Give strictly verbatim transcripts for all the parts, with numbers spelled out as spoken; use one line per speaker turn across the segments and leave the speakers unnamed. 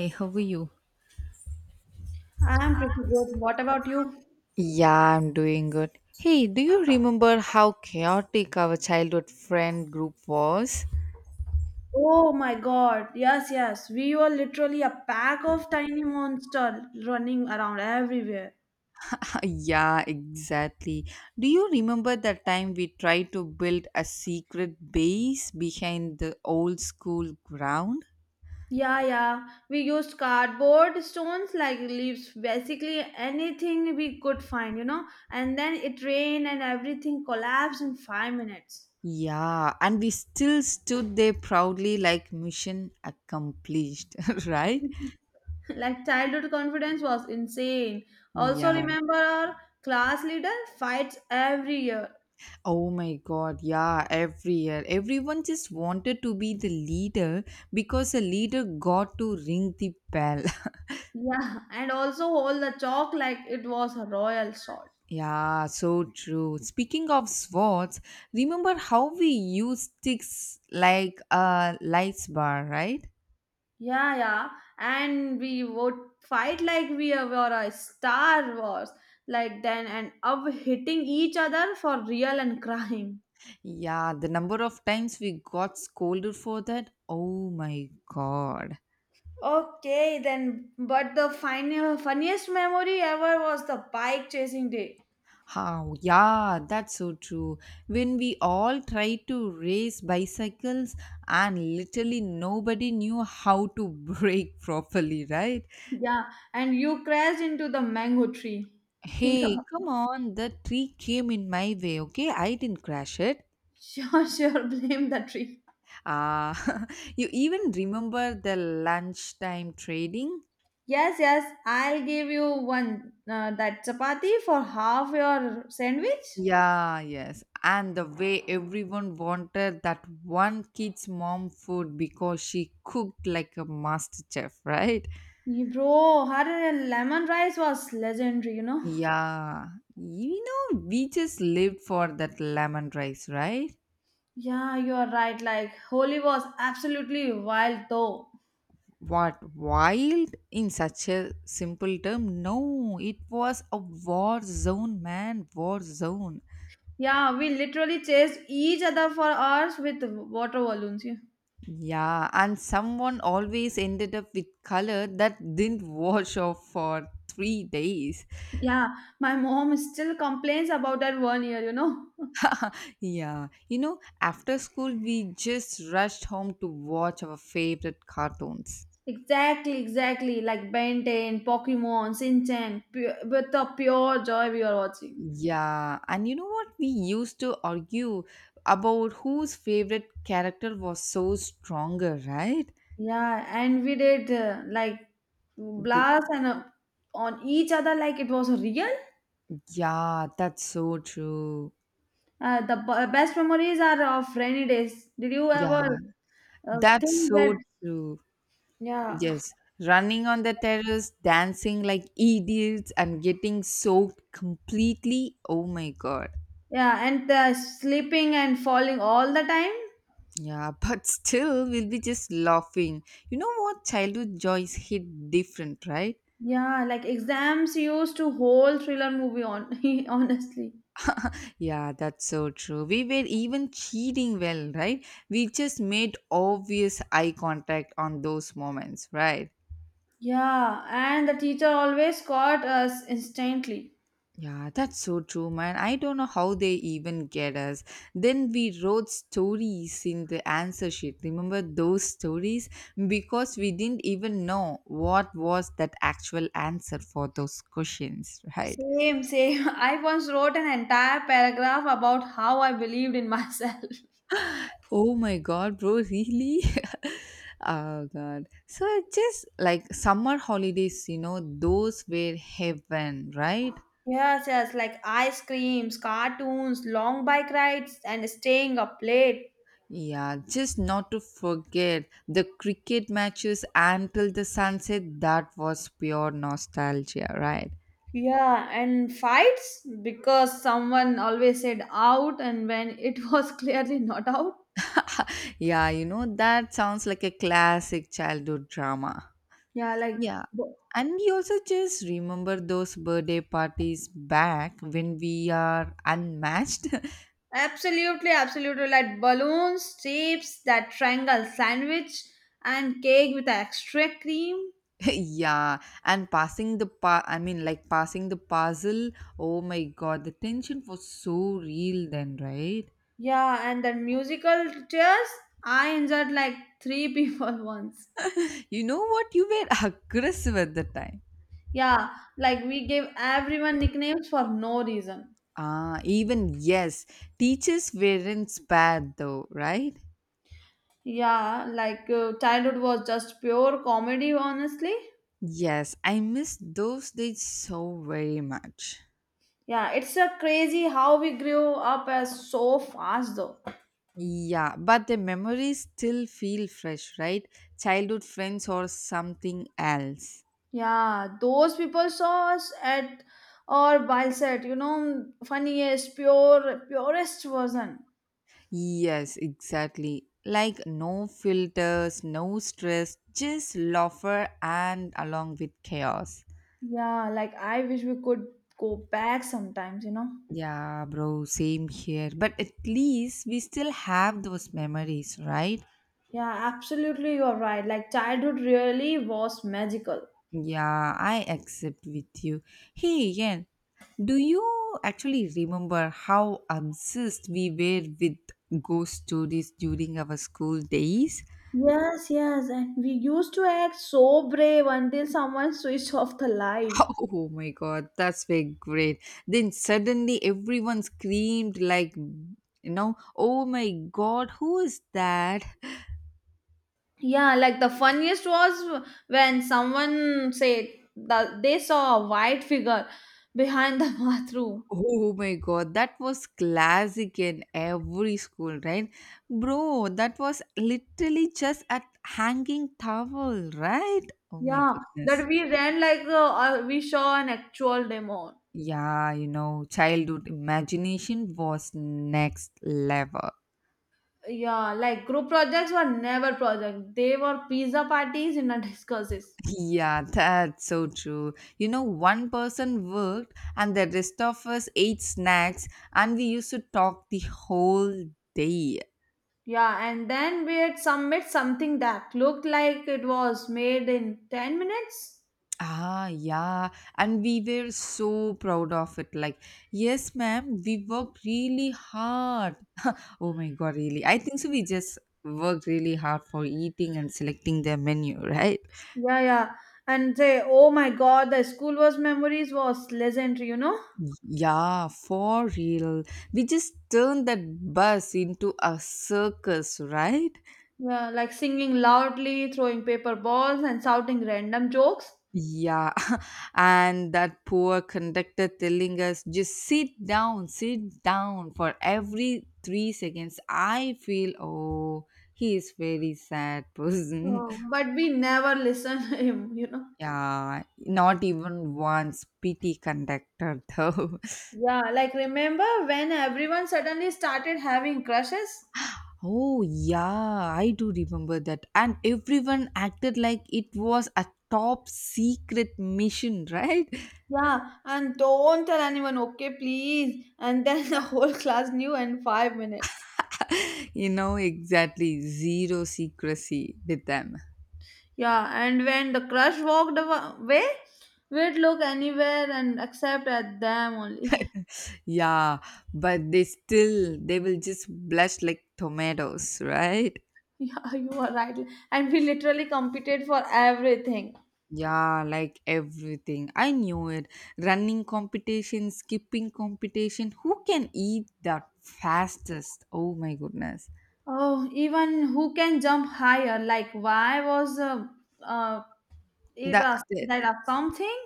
Hey, how are you?
I'm pretty good. What about you?
Yeah, I'm doing good. Hey, do you remember how chaotic our childhood friend group was?
Oh my God. Yes, yes. We were literally a pack of tiny monsters running around everywhere.
Yeah, exactly. Do you remember that time we tried to build a secret base behind the old school ground?
Yeah, yeah. We used cardboard stones like leaves, basically anything we could find, you know. And then it rained and everything collapsed in five minutes.
Yeah, and we still stood there proudly like mission accomplished, right?
Like childhood confidence was insane. Also,
Yeah.
remember our class leader fights every year.
Oh my god, yeah, every year. Everyone just wanted to be the leader because a leader got to ring the bell.
Yeah, and also hold the chalk like it was a royal sword.
Yeah, so true. Speaking of swords, remember how we used sticks like a lights bar, right?
Yeah, yeah. And we would fight like we were a Star Wars, like then, and of hitting each other for real and crying.
Yeah, the number of times we got scolded for that. Oh my god.
Okay, then, but the final, funniest memory ever was the bike chasing day.
How? Yeah, that's so true. When we all tried to race bicycles, and literally nobody knew how to brake properly, right?
Yeah, and you crashed into the mango tree. Think
Hey,
about
come on, the tree came in my way, okay? I didn't crash it.
it. Sure, sure, blame the tree.
Ah, you even remember the lunchtime trading?
Yes, yes, I'll give you one uh, that chapati for half your sandwich.
Yeah, yes. And the way everyone wanted that one kid's mom food because she cooked like a master chef, right?
Ye- Bro, her lemon rice was legendary, you know?
Yeah, you know, we just lived for that lemon rice, right?
Yeah, you are right. Like, Holi was absolutely wild, though.
What wild in such a simple term? No, it was a war zone, man, war zone.
Yeah, we literally chased each other for hours with water balloons. Yeah,
Yeah, and someone always ended up with color that didn't wash off for three days.
yeah, my mom still complains about that one year, you know?
Yeah, you know, after school, we just rushed home to watch our favorite cartoons.
Exactly, exactly. Like Ben ten, Pokemon, Shinchan, pure, with the pure joy we are watching.
Yeah, and you know what? We used to argue about whose favorite character was so stronger, right?
Yeah, and we did uh, like
B-
blast and uh, on each other like it was real.
yeah, that's so true.
Uh, the b- best memories are of rainy days. Did you ever
Yeah,
uh,
that's
think that?
so true.
Yeah,
Yes, running on the terrace, dancing like idiots, and getting soaked completely. Oh my god.
yeah, and the sleeping and falling all the time.
Yeah, but still, we'll be just laughing. You know what? Childhood joys hit different, right?
Yeah, like exams used to whole thriller movie on. Honestly,
Yeah, that's so true. We were even cheating well, right? We just made obvious eye contact on those moments, right?
yeah, and the teacher always caught us instantly.
Yeah, that's so true, man. I don't know how they even get us. Then we wrote stories in the answer sheet. Remember those stories? Because we didn't even know what was that actual answer for those questions, right?
Same, same. I once wrote an entire paragraph about how I believed in myself.
Oh my god, bro, really? Oh god. So it's just like summer holidays, you know, those were heaven, right?
Yes, yes, like ice creams, cartoons, long bike rides, and staying up late.
Yeah, just not to forget the cricket matches until the sunset, that was pure nostalgia, right?
Yeah, and fights because someone always said out, and when it was clearly not out.
Yeah, you know, that sounds like a classic childhood drama.
Yeah, like
Yeah.
b-
And we also just remember those birthday parties back when we are unmatched.
absolutely, absolutely like balloons, chips, that triangle sandwich, and cake with extra cream.
Yeah, and passing the pa- I mean like passing the puzzle. Oh my god, the tension was so real then, right?
Yeah, and then musical chairs. I injured like three people once.
You know what, you were aggressive at the time.
Yeah, like we gave everyone nicknames for no reason.
Ah, even, yes, teachers weren't bad though, right?
Yeah, like uh, childhood was just pure comedy, honestly.
Yes, I miss those days so very much.
Yeah, it's a crazy how we grew up as so fast though.
Yeah, but the memories still feel fresh, right? Childhood friends or something else.
Yeah, those people saw us at or while set, you know, funniest, pure, purest version.
Yes, exactly. Like no filters, no stress, just laughter and along with chaos.
Yeah, like I wish we could go back sometimes, you know.
Yeah, bro, same here. But at least we still have those memories, right?
Yeah, absolutely, you're right. Like childhood really was magical.
Yeah, I accept with you. Hey, Yen, do you actually remember how obsessed we were with ghost stories during our school days?
Yes, yes, and we used to act so brave until someone switched off the light.
Oh my god, that's were great. Then suddenly everyone screamed like, you know, oh my god, who is that?
Yeah, like the funniest was when someone said that they saw a white figure behind the bathroom.
Oh my god, that was classic in every school, right? Bro, that was literally just a hanging towel, right? Oh my
Yeah,
goodness.
that we ran like uh, uh, we saw an actual demon.
Yeah, you know, childhood imagination was next level.
Yeah, like group projects were never project. They were pizza parties in a discourses.
Yeah, that's so true. You know, one person worked and the rest of us ate snacks and we used to talk the whole day.
Yeah, and then we had submit something that looked like it was made in ten minutes.
Ah, yeah. And we were so proud of it. Like, yes, ma'am, we worked really hard. Oh my God, really? I think so. We just worked really hard for eating and selecting their menu, right?
Yeah, yeah. And say, oh my god, the school was memories was legendary, you know?
Yeah, for real. We just turned that bus into a circus, right?
Yeah, like singing loudly, throwing paper balls, and shouting random jokes.
Yeah, and that poor conductor telling us just sit down, sit down for every three seconds. I feel oh, he is very sad person.
Oh, but we never listened him, you know.
Yeah, not even once P T conductor though.
Yeah, like remember when everyone suddenly started having crushes?
Oh yeah, I do remember that, and everyone acted like it was a top secret mission, right?
Yeah, and don't tell anyone, okay, please. And then the whole class knew in five minutes.
You know, exactly zero secrecy with them.
Yeah, and when the crush walked awa- away, we'd look anywhere and except at them only.
Yeah, but they still they will just blush like tomatoes, right?
Yeah, you are right. And we literally competed for everything.
Yeah, like everything. I knew it. Running competition, skipping competition. Who can eat that fastest? Oh my goodness.
Oh, even who can jump higher? Like, why was uh, uh, it
That,
a,
that
that a something?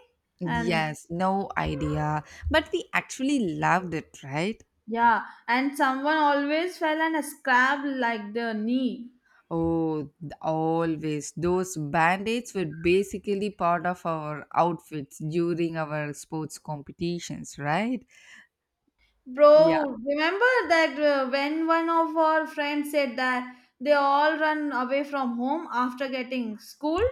And
yes, no idea. But we actually loved it, right?
yeah, and someone always fell and scrapped like the knee.
Oh, th- always. Those band-aids were basically part of our outfits during our sports competitions, right? Yeah.
Bro, remember that uh, when one of our friends said that they all run away from home after getting school?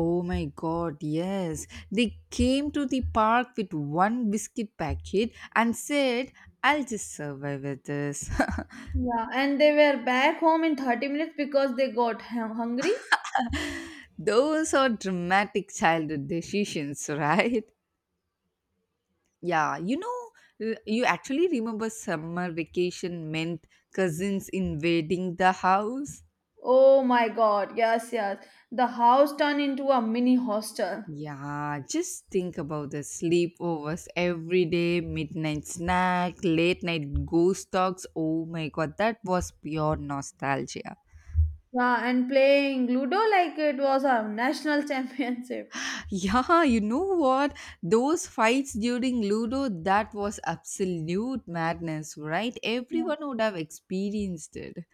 Oh my god, yes. They came to the park with one biscuit packet and said, I'll just survive with this.
Yeah, and they were back home in thirty minutes because they got hu- hungry.
Those are dramatic childhood decisions, right? Yeah, you know, uh, you actually remember summer vacation meant cousins invading the house?
Oh my god, yes, yes. The house turned into a mini hostel.
Yeah, just think about the sleepovers every day, midnight snack, late night ghost talks. Oh my god, that was pure nostalgia.
Yeah, and playing Ludo like it was a national championship.
Yeah, you know what? Those fights during Ludo, that was absolute madness, right? Everyone would have experienced it.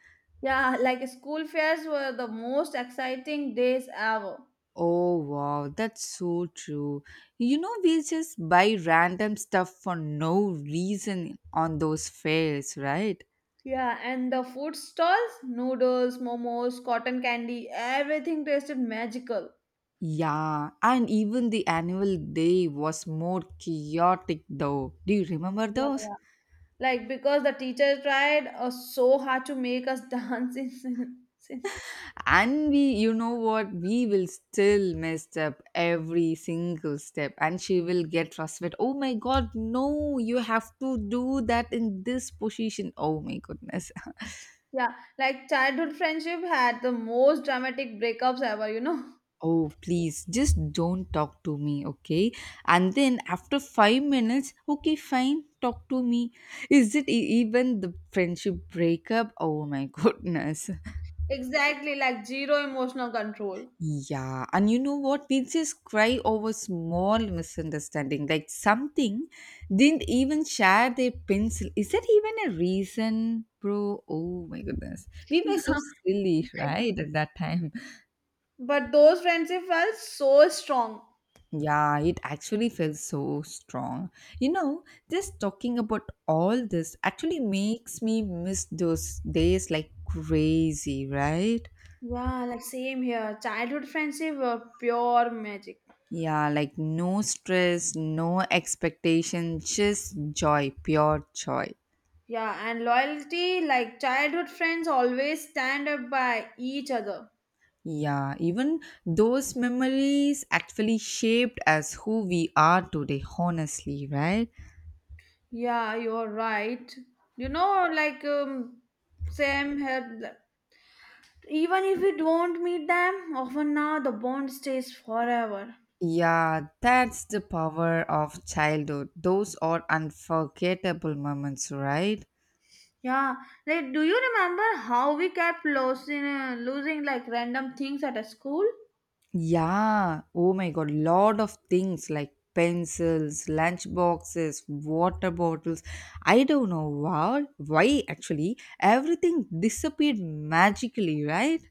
Yeah, like school fairs were the most exciting days ever.
Oh, wow, that's so true. You know, we just buy random stuff for no reason on those fairs, right?
Yeah, and the food stalls, noodles, momos, cotton candy, everything tasted magical.
Yeah, and even the annual day was more chaotic though. Do you remember
Yeah,
those?
yeah. Like because the teacher tried uh, so hard to make us dance in sin- sin-
And we, you know what, we will still mess up every single step and she will get frustrated. Oh my god, no, you have to do that in this position. Oh my goodness.
Yeah, like childhood friendship had the most dramatic breakups ever, you know?
Oh please, just don't talk to me, okay? And then after five minutes, okay fine, talk to me. Is it e- even the friendship breakup? Oh my goodness.
Exactly, like zero emotional control.
Yeah, and you know what? We just cry over small misunderstanding, like something didn't even share their pencil. Is that even a reason, bro? Oh my goodness. We were so silly, right, at that time.
But those friendships were so strong.
Yeah, it actually felt so strong. You know, just talking about all this actually makes me miss those days like crazy, right?
Yeah, like same here. Childhood friendship were pure magic.
Yeah, like no stress, no expectation, just joy, pure joy.
Yeah, and loyalty, like childhood friends always stand up by each other.
Yeah, even those memories actually shaped us who we are today, honestly, right?
Yeah, you're right. You know, like um, Sam had, even if we don't meet them, often now the bond stays forever.
Yeah, that's the power of childhood. Those are unforgettable moments, right?
Yeah, like do you remember how we kept losing, uh, losing like random things at a school?
Yeah. Oh my god, lot of things like pencils, lunch boxes, water bottles. I don't know why why actually everything disappeared magically, right?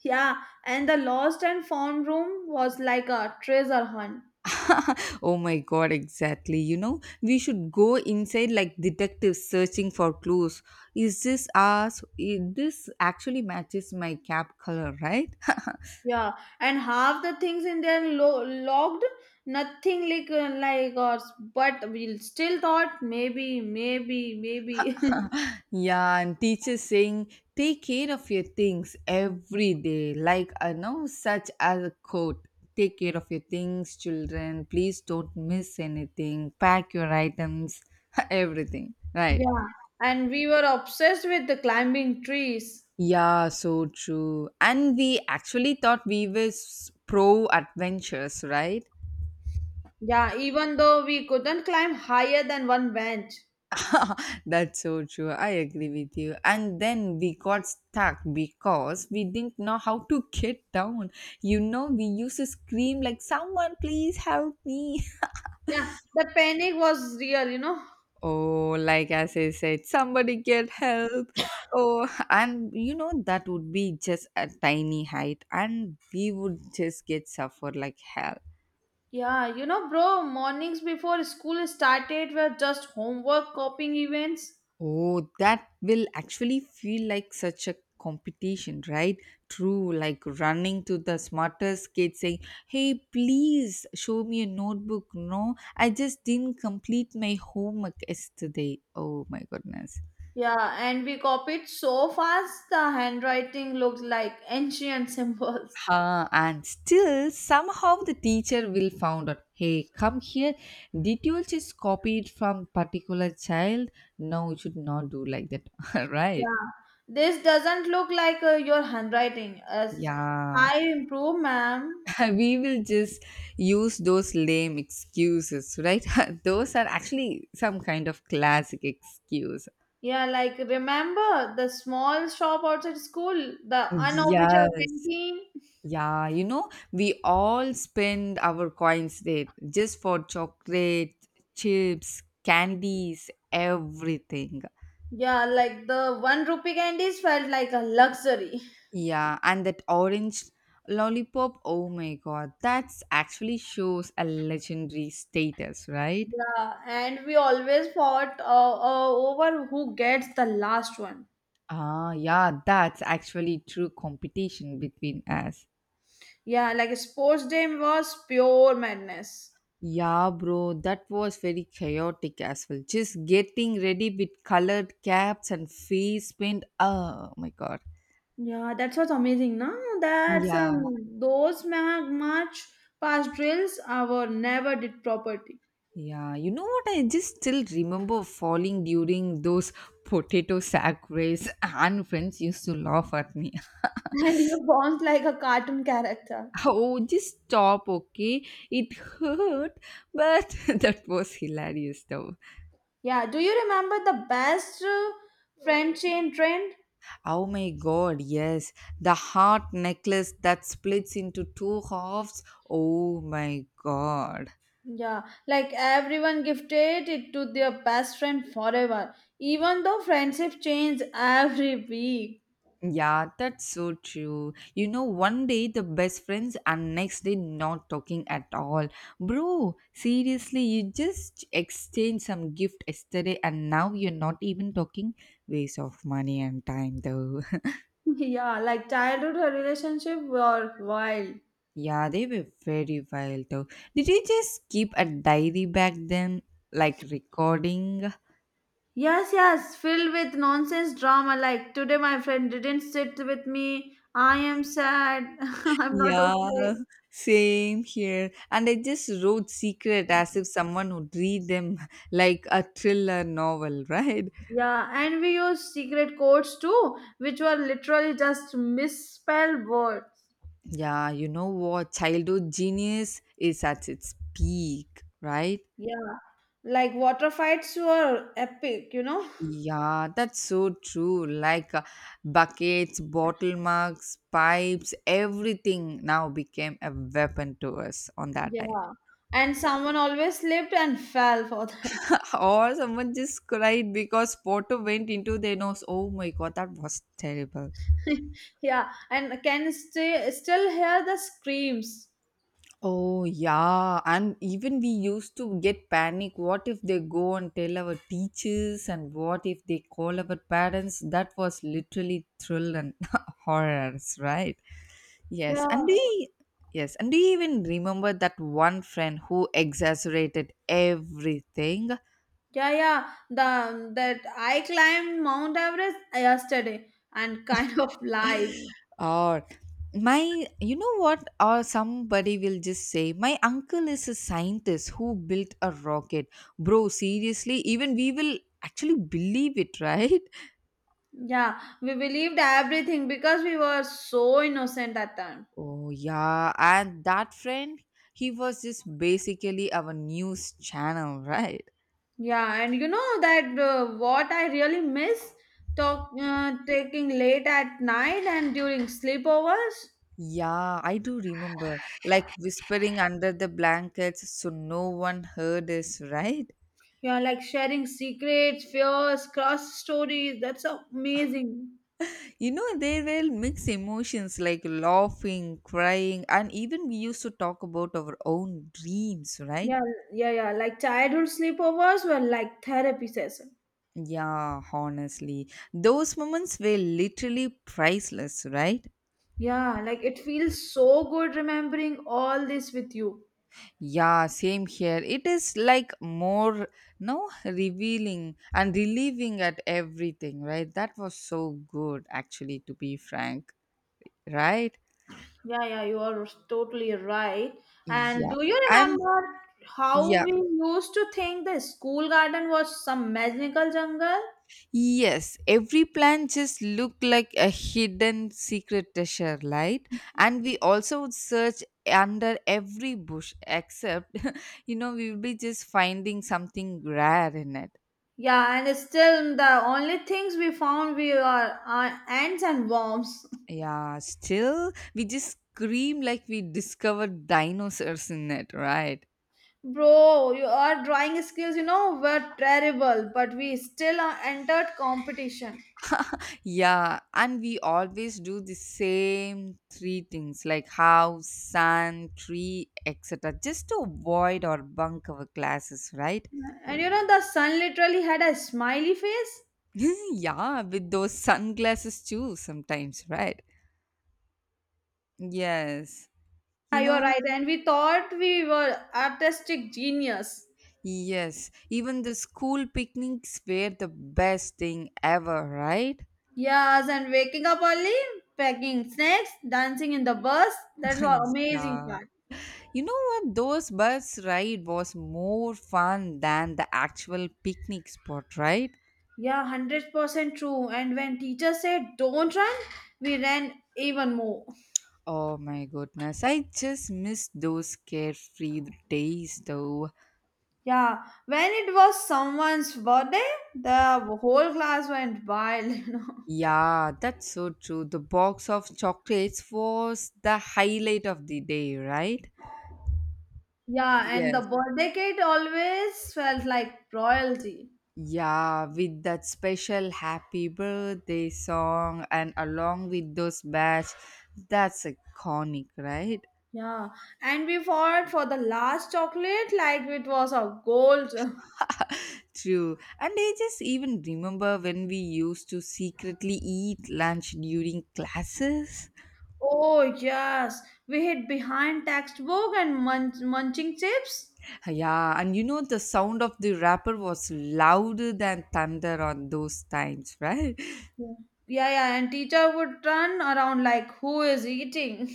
Yeah, and the lost and found room was like a treasure hunt.
Oh my god, exactly. You know, we should go inside like detectives searching for clues. Is this us? Is this actually matches my cap color, right?
Yeah, and half the things in there lo- logged, nothing like uh, like us, but we still thought maybe, maybe, maybe.
Yeah, and teachers saying, take care of your things every day. Like, I know such as a quote. Take care of your things, children. Please don't miss anything. Pack your items, everything. Right.
Yeah, and we were obsessed with the climbing trees.
Yeah, so true. And we actually thought we were pro adventures, right?
Yeah, even though we couldn't climb higher than one bench.
That's so true. I agree with you. And then we got stuck because we didn't know how to get down. You know, we used to scream like, someone please help me.
Yeah, the panic was real, you know.
Oh, like as I said, somebody get help. Oh, and you know, that would be just a tiny height and we would just get suffer like hell.
Yeah, you know, bro, mornings before school started were just homework copying events.
Oh, that will actually feel like such a competition, right? True, like running to the smartest kid saying, hey, please show me a notebook. No, I just didn't complete my homework yesterday. Oh my goodness.
Yeah, and we copied so fast the handwriting looks like ancient symbols.
Huh, and still somehow the teacher will found out. Hey, come here, did you just copy it from particular child? No, you should not do like that. Right,
Yeah, this doesn't look like uh, your handwriting. As
yeah.
I improve, ma'am.
We will just use those lame excuses, right? Those are actually some kind of classic excuse.
Yeah, like remember the small shop outside school, the unofficial
Yes,
canteen.
yeah, you know, we all spend our coins there just for chocolate, chips, candies, everything.
Yeah, like the one rupee candies felt like a luxury.
Yeah, and that orange lollipop, oh my god, that's actually shows a legendary status, right?
Yeah, and we always fought uh, uh, over who gets the last one.
Ah, yeah, that's actually true competition between us.
Yeah, like sports day was pure madness.
Yeah, bro, that was very chaotic as well. Just getting ready with colored caps and face paint. Oh my god.
Yeah, that's what's amazing, no? That's
Yeah,
um, those ma- much past drills our never did property.
yeah. You know what? I just still remember falling during those potato sack race, and friends used to laugh at me.
And you bounced like a cartoon character.
Oh, just stop, okay? It hurt, but that was hilarious though.
Yeah, do you remember the best uh, friend chain trend?
Oh my god, yes. The heart necklace that splits into two halves. Oh my god.
Yeah, like everyone gifted it to their best friend forever, even though friendship changed every week.
Yeah, that's so true. You know, one day the best friends and next day not talking at all. Bro, seriously, you just exchanged some gift yesterday and now you're not even talking. Waste of money and time though.
Yeah, like childhood relationship were wild.
Yeah, they were very wild though. Did you just keep a diary back then? Like recording?
Yes, yes, filled with nonsense drama. Like today, my friend didn't sit with me. I am sad. I'm not
Yeah,
okay.
same here. And I just wrote secret as if someone would read them like a thriller novel, right?
Yeah, and we used secret codes too, which were literally just misspelled words.
Yeah, you know what? Childhood genius is at its peak, right?
Yeah, like water fights were epic, you know?
Yeah, that's so true. Like uh, buckets, bottle mugs, pipes, everything now became a weapon to us on that time.
Yeah, and someone always slipped and fell for that.
Or someone just cried because water went into their nose. Oh my god, that was terrible.
Yeah, and can stay, still hear the screams.
Oh, yeah. And even we used to get panic. What if they go and tell our teachers? And what if they call our parents? That was literally thrill and horrors, right? Yes. And do
Yeah.
you, yes. And do you even remember that one friend who exaggerated everything?
Yeah, yeah. The that I climbed Mount Everest yesterday and kind of lies.
Or my you know what or somebody will just say my uncle is a scientist who built a rocket. Bro, seriously, even we will actually believe it, right?
Yeah, we believed everything because we were so innocent at time.
Oh yeah, and that friend, he was just basically our news channel, right?
Yeah, and you know that uh, what I really miss talk uh, taking late at night and during sleepovers.
Yeah, I do remember like whispering under the blankets so no one heard us, right?
Yeah, like sharing secrets, fears, cross stories. That's amazing.
You know, there were mixed emotions like laughing, crying, and even we used to talk about our own dreams, right?
Yeah, yeah, yeah. Like childhood sleepovers were like therapy sessions.
Yeah, honestly, those moments were literally priceless, right?
Yeah, like it feels so good remembering all this with you.
Yeah, same here. It is like more, no, revealing and relieving at everything, right? That was so good, actually, to be frank, right?
Yeah, yeah, you are totally right. And
Yeah,
do you
and
remember how
yeah,
we used to think the school garden was some magical jungle?
Yes, every plant just look like a hidden secret treasure, right? And we also would search under every bush, except, you know we will be just finding something rare in it.
Yeah, and still the only things we found we are uh, ants and worms.
Yeah, still we just scream like we discovered dinosaurs in it, right?
Bro, your drawing skills, you know, were terrible, but we still uh, entered competition.
Yeah, and we always do the same three things like house, sun, tree, et cetera, just to avoid or bunk our classes, right?
And you know, the sun literally had a smiley face.
Yeah, with those sunglasses too, sometimes, right? Yes.
Yeah,
You
you're
know,
right. And we thought we were artistic genius.
yes. Even the school picnics were the best thing ever, right?
Yes, and waking up early, packing snacks, dancing in the bus. That's all amazing
Yeah.
part.
You know what? Those bus ride was more fun than the actual picnic spot, right?
Yeah, one hundred percent true. And when teacher said don't run, we ran even more.
Oh my goodness. I just miss those carefree days though.
Yeah, when it was someone's birthday, the whole class went wild, you know.
Yeah, that's so true. The box of chocolates was the highlight of the day, right?
Yeah, and the
Yes.
birthday cake always felt like royalty.
Yeah, with that special happy birthday song and along with those badge, that's iconic, right?
Yeah, and we fought for the last chocolate like it was our gold.
True. And I just even remember when we used to secretly eat lunch during classes.
Oh, yes, we hid behind textbook and munch- munching chips.
Yeah, and you know the sound of the wrapper was louder than thunder on those times, right?
Yeah, yeah, yeah, and teacher would turn around like, who is eating?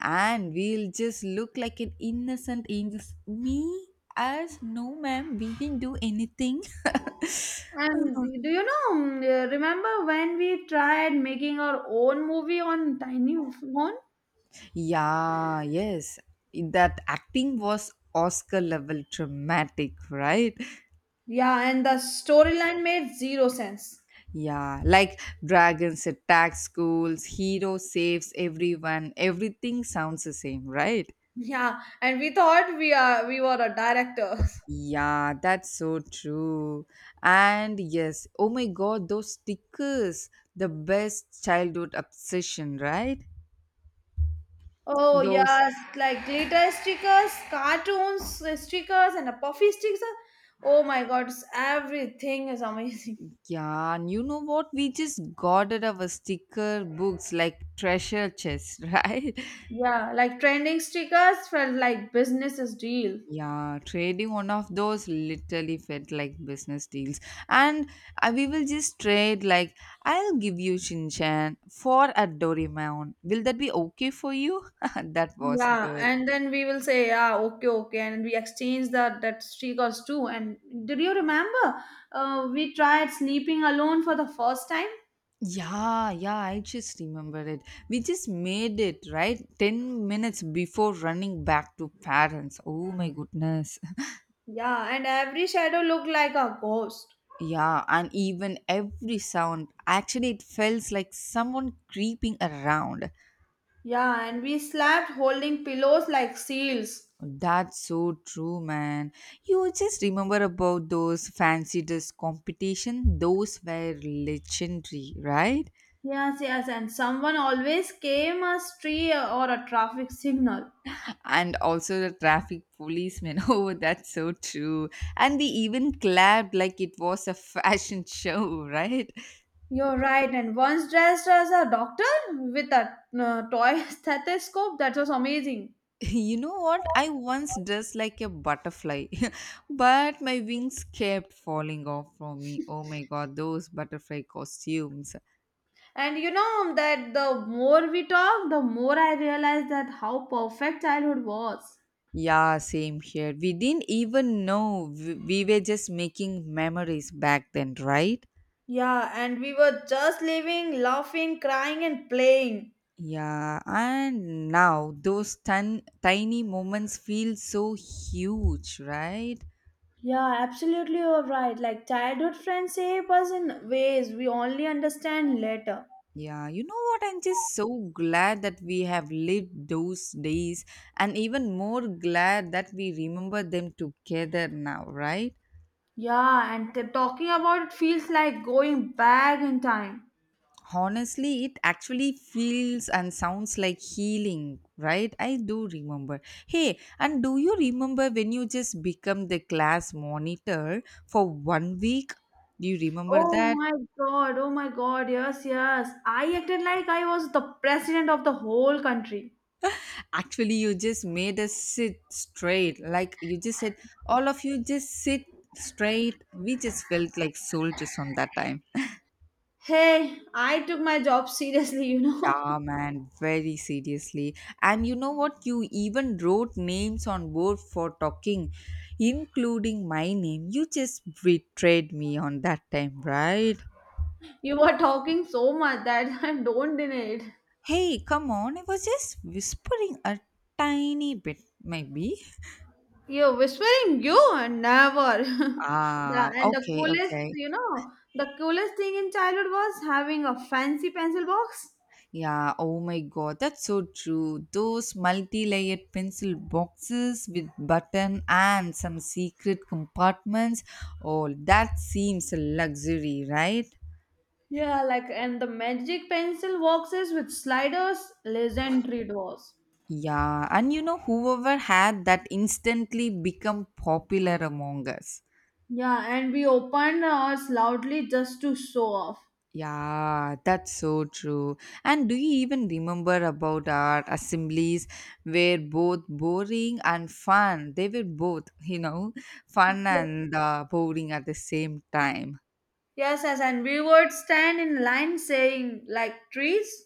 And we'll just look like an innocent angels. Me as, no ma'am, we didn't do anything.
And do you know, mm, uh, remember when we tried making our own movie on tiny phone?
yeah, yes, that acting was Oscar level dramatic, right?
Yeah, and the storyline made zero sense.
Yeah, like dragons attack schools, hero saves everyone, everything sounds the same, right?
Yeah, and we thought we are we were a director.
Yeah, that's so true. And yes, oh my god, those stickers, the best childhood obsession, right?
Oh
Those,
yes, like glitter stickers, cartoons uh, stickers, and a puffy stickers. Oh my God, it's- everything is amazing.
yeah, and you know what? We just guarded our sticker books like treasure chests, right?
Yeah, like trending stickers felt like business is deal.
Yeah, trading one of those literally felt like business deals. And uh, we will just trade, like, I'll give you Shin Chan for a Doraemon. Will that be okay for you? That was
Yeah,
good.
and then we will say, yeah, okay, okay, and we exchange that that stickers too. And did you remember? Uh, we tried sleeping alone for the first time.
Yeah, yeah, I just remember it. We just made it, right? ten minutes before running back to parents. Oh my goodness.
Yeah, and every shadow looked like a ghost.
Yeah, and even every sound, actually, it felt like someone creeping around.
Yeah, and we slept holding pillows like seals.
That's so true, man. You just remember about those fancy dress competition. Those were legendary, right?
Yes, yes, and someone always came a tree or a traffic signal.
And also the traffic policeman. Oh, that's so true. And they even clapped like it was a fashion show, right?
You're right, and once dressed as a doctor with a uh, toy stethoscope. That was amazing.
You know what? I once dressed like a butterfly, but my wings kept falling off from me. Oh my god, those butterfly costumes.
And you know that the more we talk, the more I realized that how perfect childhood was.
Yeah, same here. We didn't even know we, we were just making memories back then, right?
Yeah, and we were just living, laughing, crying, and playing.
Yeah, and now those tun- tiny moments feel so huge, right?
Yeah, absolutely, you're right. Like childhood friends shape us in ways we only understand later.
Yeah, you know what? I'm just so glad that we have lived those days, and even more glad that we remember them together now, right?
Yeah, and t- talking about it feels like going back in time.
Honestly, it actually feels and sounds like healing, right? I do remember. Hey, and do you remember when you just become the class monitor for one week? Do you remember
Oh
that?
my god, oh my god, yes, yes. I acted like I was the president of the whole country.
Actually, you just made us sit straight. Like you just said, all of you just sit straight. We just felt like soldiers on that time.
Hey, I took my job seriously, you know.
Yeah, man, very seriously. And you know what? You even wrote names on board for talking, including my name. You just betrayed me on that time, right?
You were talking so much that I don't deny it.
Hey, come on. I was just whispering a tiny bit, maybe.
You're whispering, you never. the,
Ah,
and the
okay,
coolest,
okay.
you know, the coolest thing in childhood was having a fancy pencil box.
Yeah, oh my god, that's so true. Those multi layered pencil boxes with button and some secret compartments. Oh, that seems a luxury, right?
Yeah, like and the magic pencil boxes with sliders, legendary doors.
Yeah, and you know, whoever had that instantly become popular among us.
Yeah, and we opened ours loudly just to show off.
Yeah, that's so true. And do you even remember about our assemblies were both boring and fun? They were both, you know, fun and uh, boring at the same time.
Yes, yes, and we would stand in line saying like trees.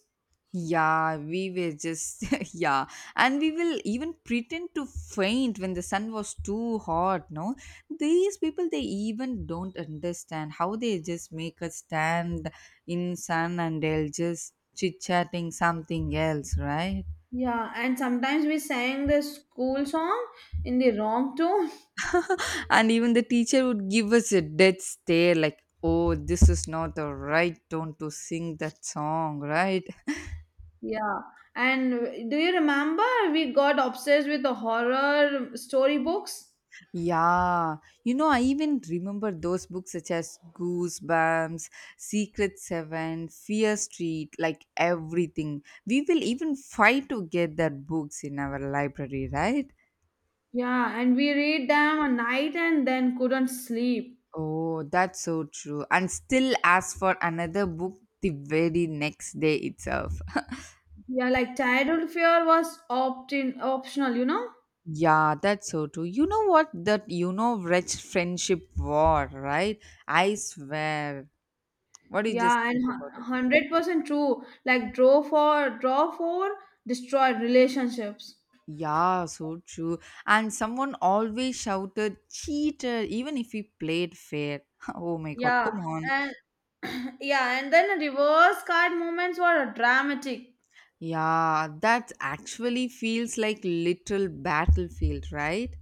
Yeah, we were just, yeah. And we will even pretend to faint when the sun was too hot, no? These people, they even don't understand how they just make us stand in sun and they'll just chit chatting something else, right?
Yeah, and sometimes we sang the school song in the wrong tone.
And even the teacher would give us a dead stare like, oh, this is not the right tone to sing that song, right?
Yeah, and do you remember we got obsessed with the horror storybooks?
Yeah, you know, I even remember those books such as Goosebumps, Secret Seven, Fear Street. Like, everything we will even fight to get that books in our library, right?
Yeah, and we read them a night and then couldn't sleep.
Oh, that's so true. And still ask for another book the very next day itself.
Yeah, like childhood fear was opt-in optional, you know?
Yeah, that's so true. You know what? That, you know, wretched friendship war, right? I swear. What do you just
Yeah, and
think
hu-
about it?
one hundred percent true. Like draw for draw for destroy relationships.
Yeah, so true. And someone always shouted, cheater, even if he played fair. Oh my god,
Yeah,
come on.
and yeah, and then reverse card moments were dramatic.
Yeah, that actually feels like little battlefield, right?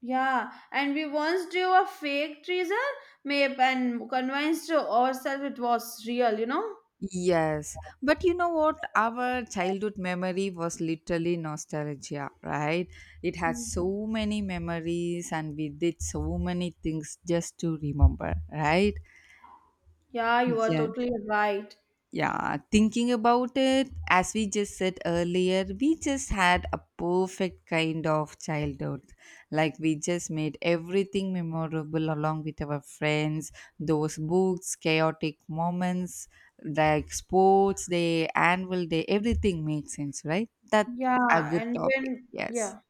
Yeah, and we once drew a fake treasure map and convinced ourselves it was real, you know?
Yes, but you know what? Our childhood memory was literally nostalgia, right? It had
Mm.
so many memories and we did so many things just to remember, right?
Yeah, you are
Yeah.
totally right.
Yeah, thinking about it, as we just said earlier, we just had a perfect kind of childhood. Like, we just made everything memorable along with our friends, those books, chaotic moments, like sports day, annual day, everything makes sense, right? That's a
Yeah,
good
and
topic.
when
Yes.
yeah.